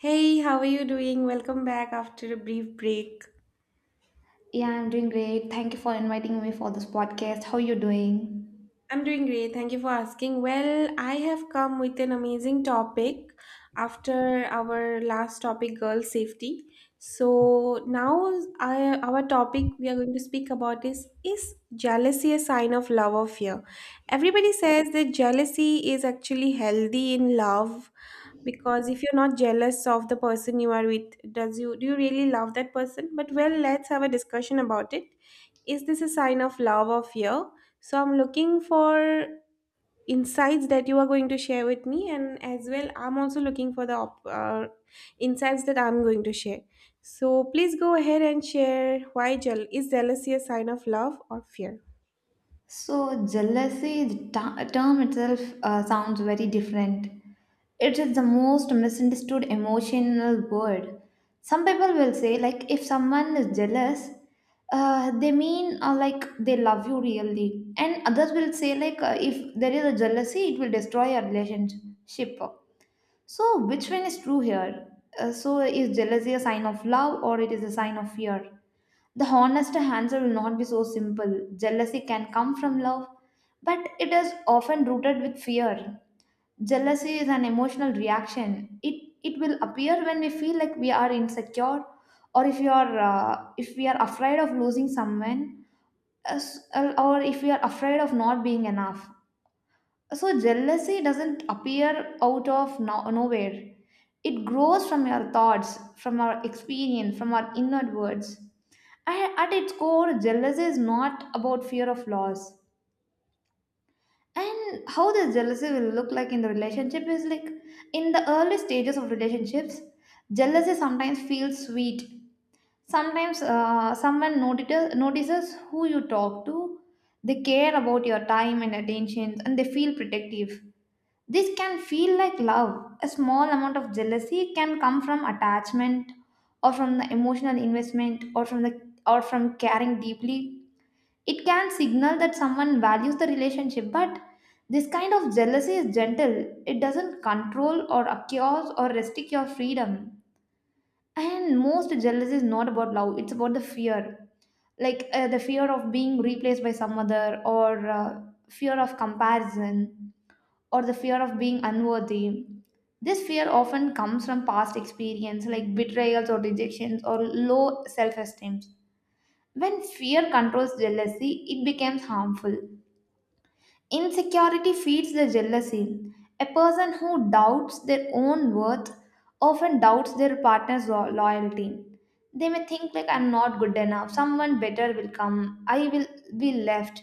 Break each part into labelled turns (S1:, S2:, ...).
S1: Hey, how are you doing? Welcome back after a brief break.
S2: Yeah, I'm doing great. Thank you for inviting me for this podcast. How are you doing?
S1: I'm doing great. Thank you for asking. Well, I have come with an amazing topic after our last topic, girl safety. So now our topic we are going to speak about is jealousy a sign of love or fear? Everybody says that jealousy is actually healthy in love because if you're not jealous of the person you are with, does you do you really love that person? But well, let's have a discussion about it. Is this a sign of love or fear? So I'm looking for insights that you are going to share with me, and as well, I'm also looking for the insights that I'm going to share. So please go ahead and share why jeal is jealousy a sign of love or fear?
S2: So, jealousy, term itself sounds very different. It is the most misunderstood emotional word. Some people will say, like, if someone is jealous, they mean like they love you really. And others will say, like, if there is a jealousy, it will destroy your relationship. So, which one is true here? So, is jealousy a sign of love or it is a sign of fear? The honest answer will not be so simple. Jealousy can come from love, but it is often rooted with fear. Jealousy is an emotional reaction. It will appear when we feel like we are insecure, or if you are if we are afraid of losing someone, as- or if we are afraid of not being enough. So jealousy doesn't appear out of nowhere. It grows from your thoughts, from our experience, from our inward words. And at its core, jealousy is not about fear of loss. And how this jealousy will look like in the relationship is like in the early stages of relationships, jealousy sometimes feels sweet. Sometimes someone notices who you talk to, they care about your time and attention, and they feel protective. This can feel like love. A small amount of jealousy can come from attachment or from the emotional investment or from caring deeply, it can signal that someone values the relationship, but this kind of jealousy is gentle. It doesn't control or accuse or restrict your freedom. And most jealousy is not about love, it's about the fear. Like the fear of being replaced by some other, or fear of comparison, or the fear of being unworthy. This fear often comes from past experience like betrayals or rejections or low self esteem. When fear controls jealousy, it becomes harmful. Insecurity feeds the jealousy. A person who doubts their own worth often doubts their loyalty. They may think like I'm not good enough, someone better will come, I will be left.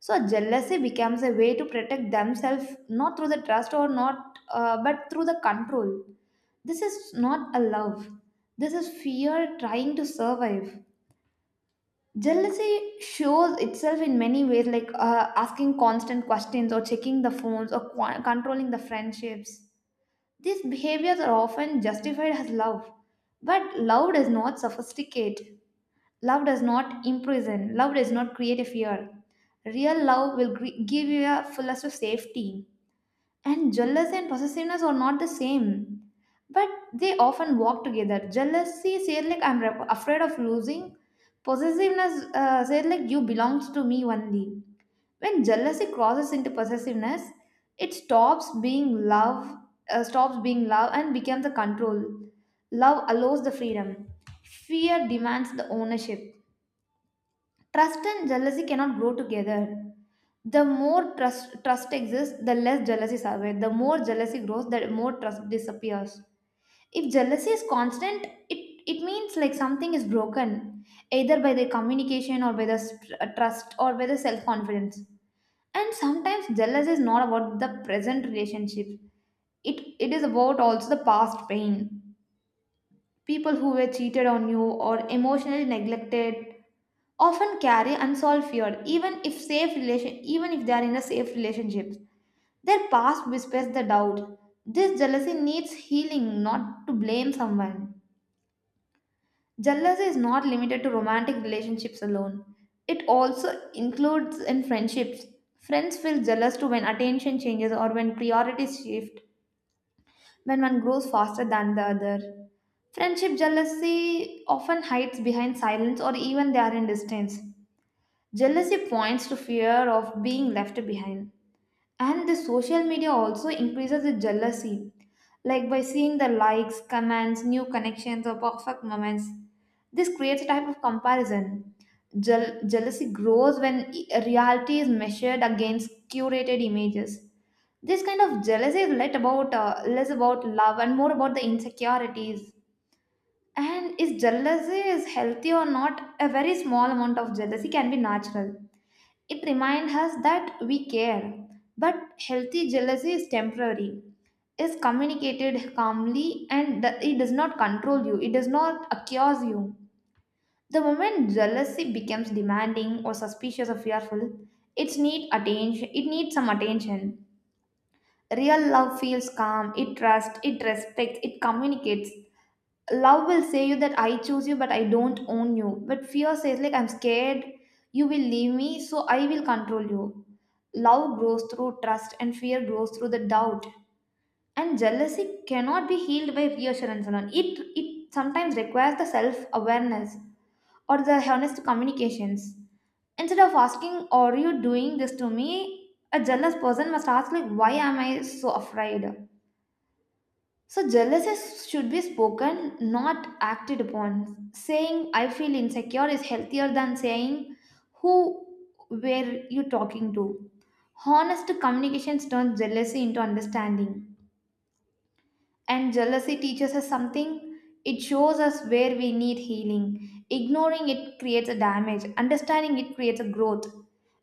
S2: So jealousy becomes a way to protect themselves not through the trust or not but through the control. This is not a love. This is fear trying to survive. Jealousy shows itself in many ways, like asking constant questions or checking the phones or controlling the friendships. These behaviors are often justified as love, but love does not sophisticate. Love does not imprison. Love does not create a fear. Real love will give you a fullest of safety. And jealousy and possessiveness are not the same, but they often walk together. Jealousy says like afraid of losing. Possessiveness says like you belongs to me only. When jealousy crosses into possessiveness, it stops being love, and becomes a control. Love allows the freedom. Fear demands the ownership. Trust and jealousy cannot grow together. The more trust exists, the less jealousy survives. The more jealousy grows, the more trust disappears. If jealousy is constant, it means like something is broken, either by the communication or by the trust or by the self confidence. And sometimes jealousy is not about the present relationship, it is about also the past pain. People who were cheated on you or emotionally neglected often carry unsolved fear even if safe relation even if they are in a safe relationships, their past whispers the doubt. This jealousy needs healing, not to blame someone. Jealousy is not limited to romantic relationships alone, it also includes in friendships. Friends feel jealous too when attention changes or when priorities shift, when one grows faster than the other. Friendship jealousy often hides behind silence or even they are in distance. Jealousy points to fear of being left behind. And the social media also increases the jealousy, like by seeing the likes, comments, new connections, or perfect moments. This creates a type of comparison. Jealousy grows when reality is measured against curated images. This kind of jealousy is let about less about love and more about the insecurities. And is jealousy is healthy or not? A very small amount of jealousy can be natural, it reminds us that we care, but healthy jealousy is temporary, is communicated calmly, and it does not control you, it does not accuse you. The moment jealousy becomes demanding or suspicious or fearful, it needs attention. It needs some attention. Real love feels calm. It trusts. It respects. It communicates. Love will say you that I choose you but I don't own you, but fear says like I'm scared you will leave me, so I will control you. Love grows through trust and fear grows through the doubt. And jealousy cannot be healed by reassurance alone, it sometimes requires the self awareness or the honest communications. Instead of asking, are you doing this to me, a jealous person must ask like, why am I so afraid? So, jealousy should be spoken, not acted upon. Saying, I feel insecure is healthier than saying, who were you talking to? Honest communication turns jealousy into understanding. And jealousy teaches us something, it shows us where we need healing. Ignoring it creates a damage, understanding it creates a growth.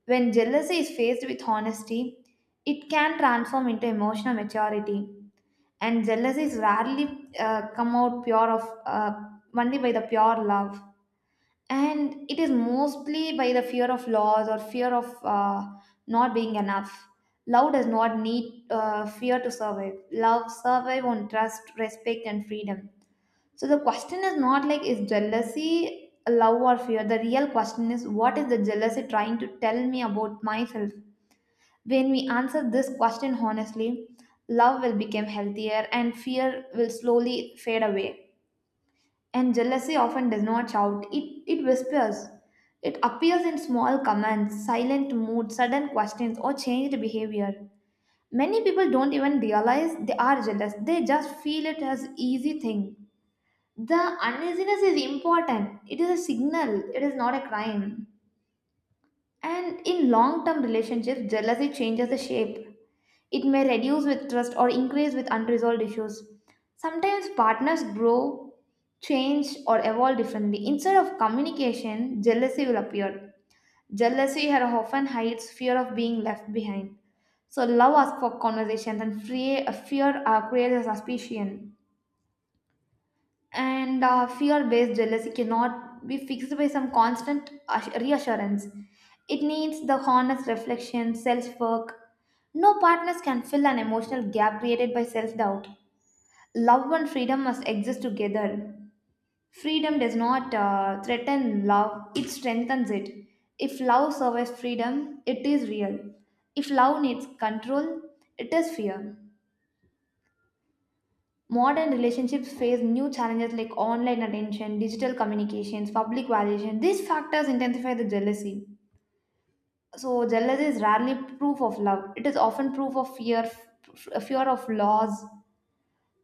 S2: When jealousy is faced with honesty, it can transform into emotional maturity. And jealousies rarely come out pure of only by the pure love, and it is mostly by the fear of loss or fear of not being enough. Love does not need fear to survive, love survive on trust, respect and freedom. So the question is not like, is jealousy love or fear? The real question is, what is the jealousy trying to tell me about myself? When we answer this question honestly, love will become healthier and fear will slowly fade away. And jealousy often does not shout, it whispers. It appears in small comments, silent mood, sudden questions, or changed behavior. Many people don't even realize they are jealous, they just feel it as easy thing. The uneasiness is important. It is a signal. It is not a crime. And in long term relationships, jealousy changes the shape. It may reduce with trust or increase with unresolved issues. Sometimes partners grow, change, or evolve differently. Instead of communication, jealousy will appear. Jealousy here often hides fear of being left behind. So, love asks for conversations, and fear creates a suspicion. And fear-based jealousy cannot be fixed by some reassurance, it needs the honest reflection, self-work. No partners can fill an emotional gap created by self-doubt. Love and freedom must exist together. Freedom does not threaten love, it strengthens it. If love survives freedom, it is real. If love needs control, it is fear. Modern relationships face new challenges like online attention, digital communications, public validation. These factors intensify the jealousy. So, jealousy is rarely proof of love, it is often proof of fear, fear of loss.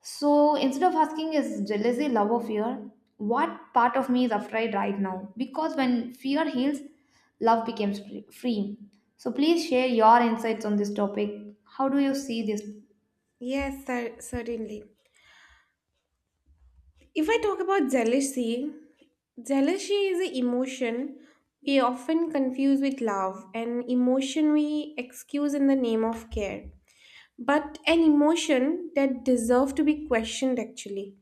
S2: So, instead of asking, is jealousy love or fear? What part of me is afraid right now? Because when fear heals, love becomes free. Free. So, please share your insights on this topic. How do you see this
S1: Yes, certainly. If I talk about jealousy, jealousy is an emotion we often confuse with love, an emotion we excuse in the name of care, but an emotion that deserves to be questioned actually.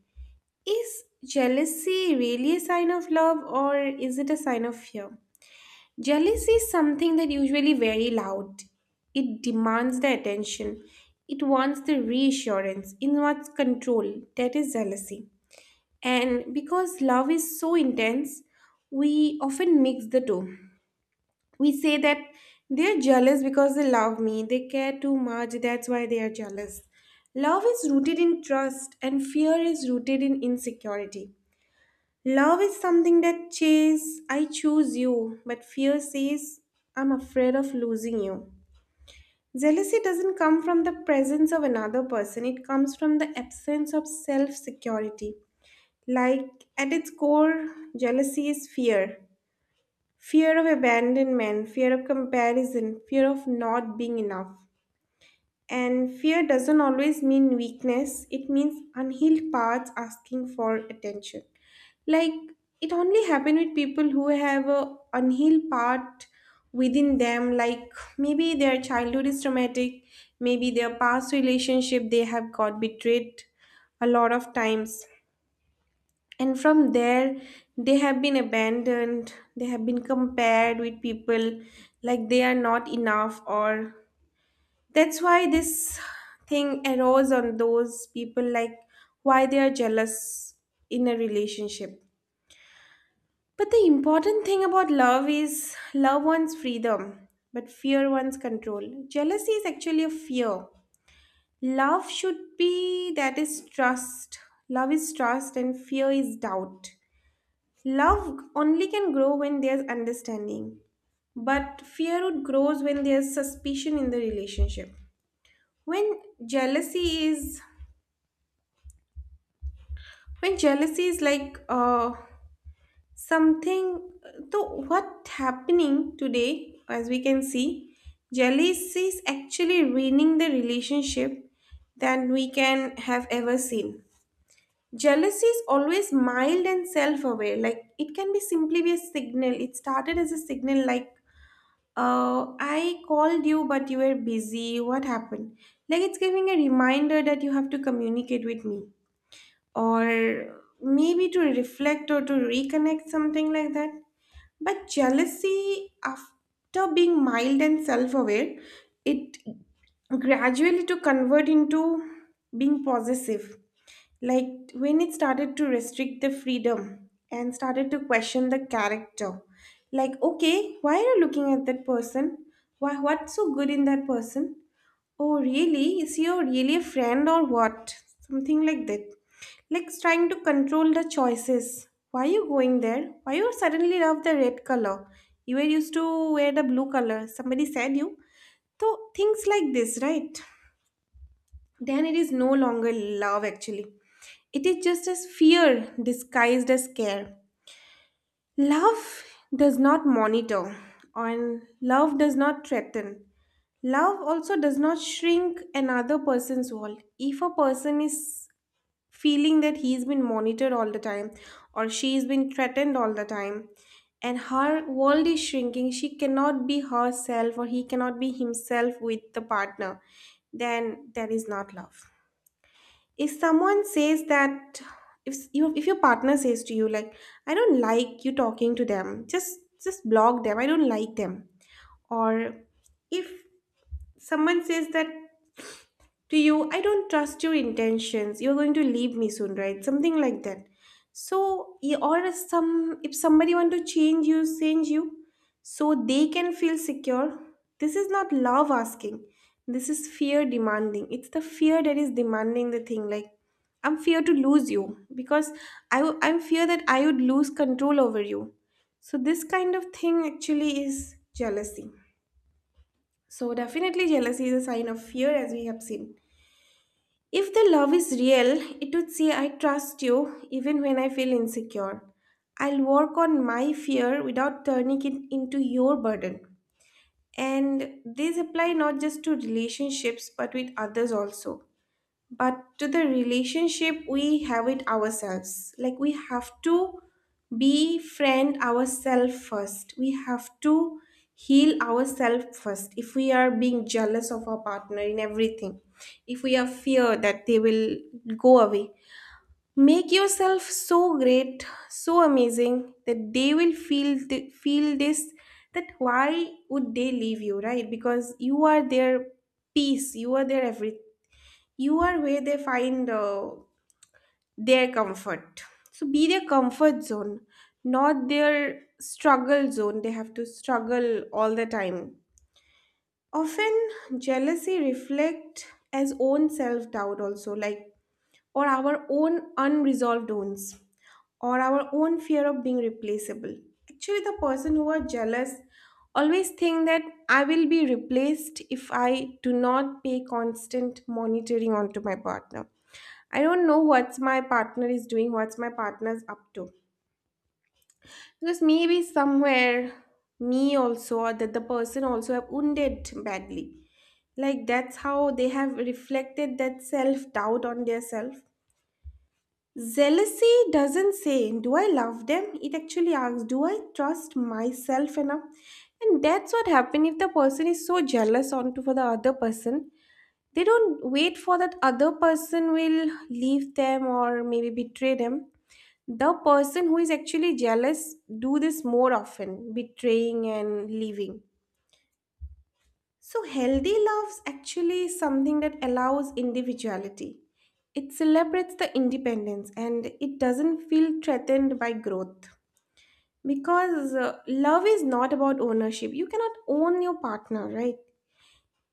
S1: Is jealousy really a sign of love, or is it a sign of fear? Jealousy is something that usually very loud. It demands the attention. It wants the reassurance. It wants control. That is jealousy. And because love is so intense, we often mix the two. We say that they're jealous because they love me, they care too much, that's why they are jealous. Love is rooted in trust, and fear is rooted in insecurity. Love is something that says, I choose you, but fear says, I'm afraid of losing you. Jealousy doesn't come from the presence of another person, it comes from the absence of self security. Like, at its core, jealousy is fear: fear of abandonment, fear of comparison, fear of not being enough. And fear doesn't always mean weakness, it means unhealed parts asking for attention. Like it only happen with people who have a unhealed part within them. Like maybe their childhood is traumatic, maybe their past relationship they have got betrayed a lot of times. And from there, they have been abandoned, they have been compared with people like they are not enough. Or that's why this thing arose on those people, like why they are jealous in a relationship. But the important thing about love is love wants freedom, but fear wants control. Jealousy is actually a fear. Love should be that is trust. Love is trust and fear is doubt. Love only can grow when there's understanding. But fear would grows when there's suspicion in the relationship. When jealousy is when jealousy is like something, so what happening today, as we can see, jealousy is actually ruining the relationship than we can have ever seen. Jealousy is always mild and self-aware. Like it can be simply be a signal. It started as a signal, like uh, I called you but you were busy, what happened? Like it's giving a reminder that you have to communicate with me, or maybe to reflect or to reconnect, something like that. But jealousy, after being mild and self aware, it gradually to convert into being possessive. Like when it started to restrict the freedom and started to question the character. Like, okay, why are you looking at that person? Why, what's so good in that person? Oh, really? Is he your really a friend or what? Something like that. Like trying to control the choices. Why you going there? Why you suddenly love the red color? You were used to wear the blue color. Somebody said you. So things like this, right? Then it is no longer love actually. It is just as fear disguised as care. Love does not monitor, and love does not threaten. Love also does not shrink another person's world. If a person is feeling that he's been monitored all the time, or she's been threatened all the time, and her world is shrinking, she cannot be herself or he cannot be himself with the partner, then that is not love. If someone says that, if you if your partner says to you like, I don't like you talking to them, just block them, I don't like them. Or if someone says that to you, I don't trust your intentions. You're going to leave me soon, right? Something like that. So, yeah, or if somebody want to change you, so they can feel secure. This is not love asking. This is fear demanding. It's the fear that is demanding the thing. Like I'm fear to lose you because I'm fear that I would lose control over you. So this kind of thing actually is jealousy. So definitely jealousy is a sign of fear, as we have seen. If the love is real, it would say, I trust you even when I feel insecure. I'll work on my fear without turning it into your burden. And these apply not just to relationships but with others also, but to the relationship we have with ourselves. Like, we have to befriend ourselves first, we have to heal ourselves first. If we are being jealous of our partner in everything, if we are fear that they will go away, make yourself so great, so amazing that they will feel this, that why would they leave you, right? Because you are their peace, you are their everything, you are where they find their comfort. So be their comfort zone, not their struggle zone, they have to struggle all the time. Often jealousy reflect as own self doubt also, like, or our own unresolved wounds, or our own fear of being replaceable. Actually, the person who are jealous always think that I will be replaced if I do not pay constant monitoring onto my partner. I don't know what's my partner is doing, what's my partner's up to. Because maybe somewhere me also, or that the person also have wounded badly. Like that's how they have reflected that self doubt on their self. Jealousy doesn't say, do I love them? It actually asks, do I trust myself enough? And that's what happens if the person is so jealous onto for the other person. They don't wait for that other person will leave them or maybe betray them. The person who is actually jealous do this more often, betraying and leaving. So, healthy love's actually something that allows individuality. It celebrates the independence and it doesn't feel threatened by growth. Because love is not about ownership. You cannot own your partner, right?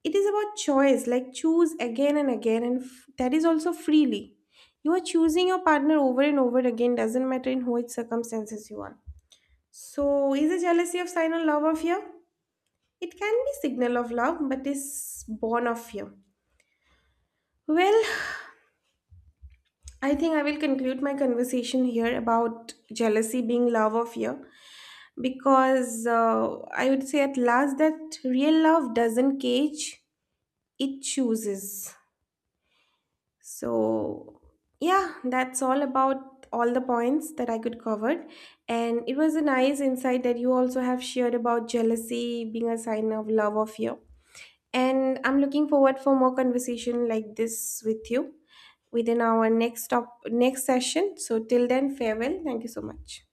S1: It is about choice, like choose again and again, and that is also freely. You are choosing your partner over and over again, doesn't matter in which circumstances you are. So, is a jealousy of sign of love or fear? It can be signal of love, but is born of fear. Well, I think I will conclude my conversation here about jealousy being love or fear, because I would say at last that real love doesn't cage, it chooses. So, yeah, that's all about all the points that I could cover. And it was a nice insight that you also have shared about jealousy being a sign of love or fear. And I'm looking forward for more conversation like this with you within our next session. So till then, farewell. Thank you so much.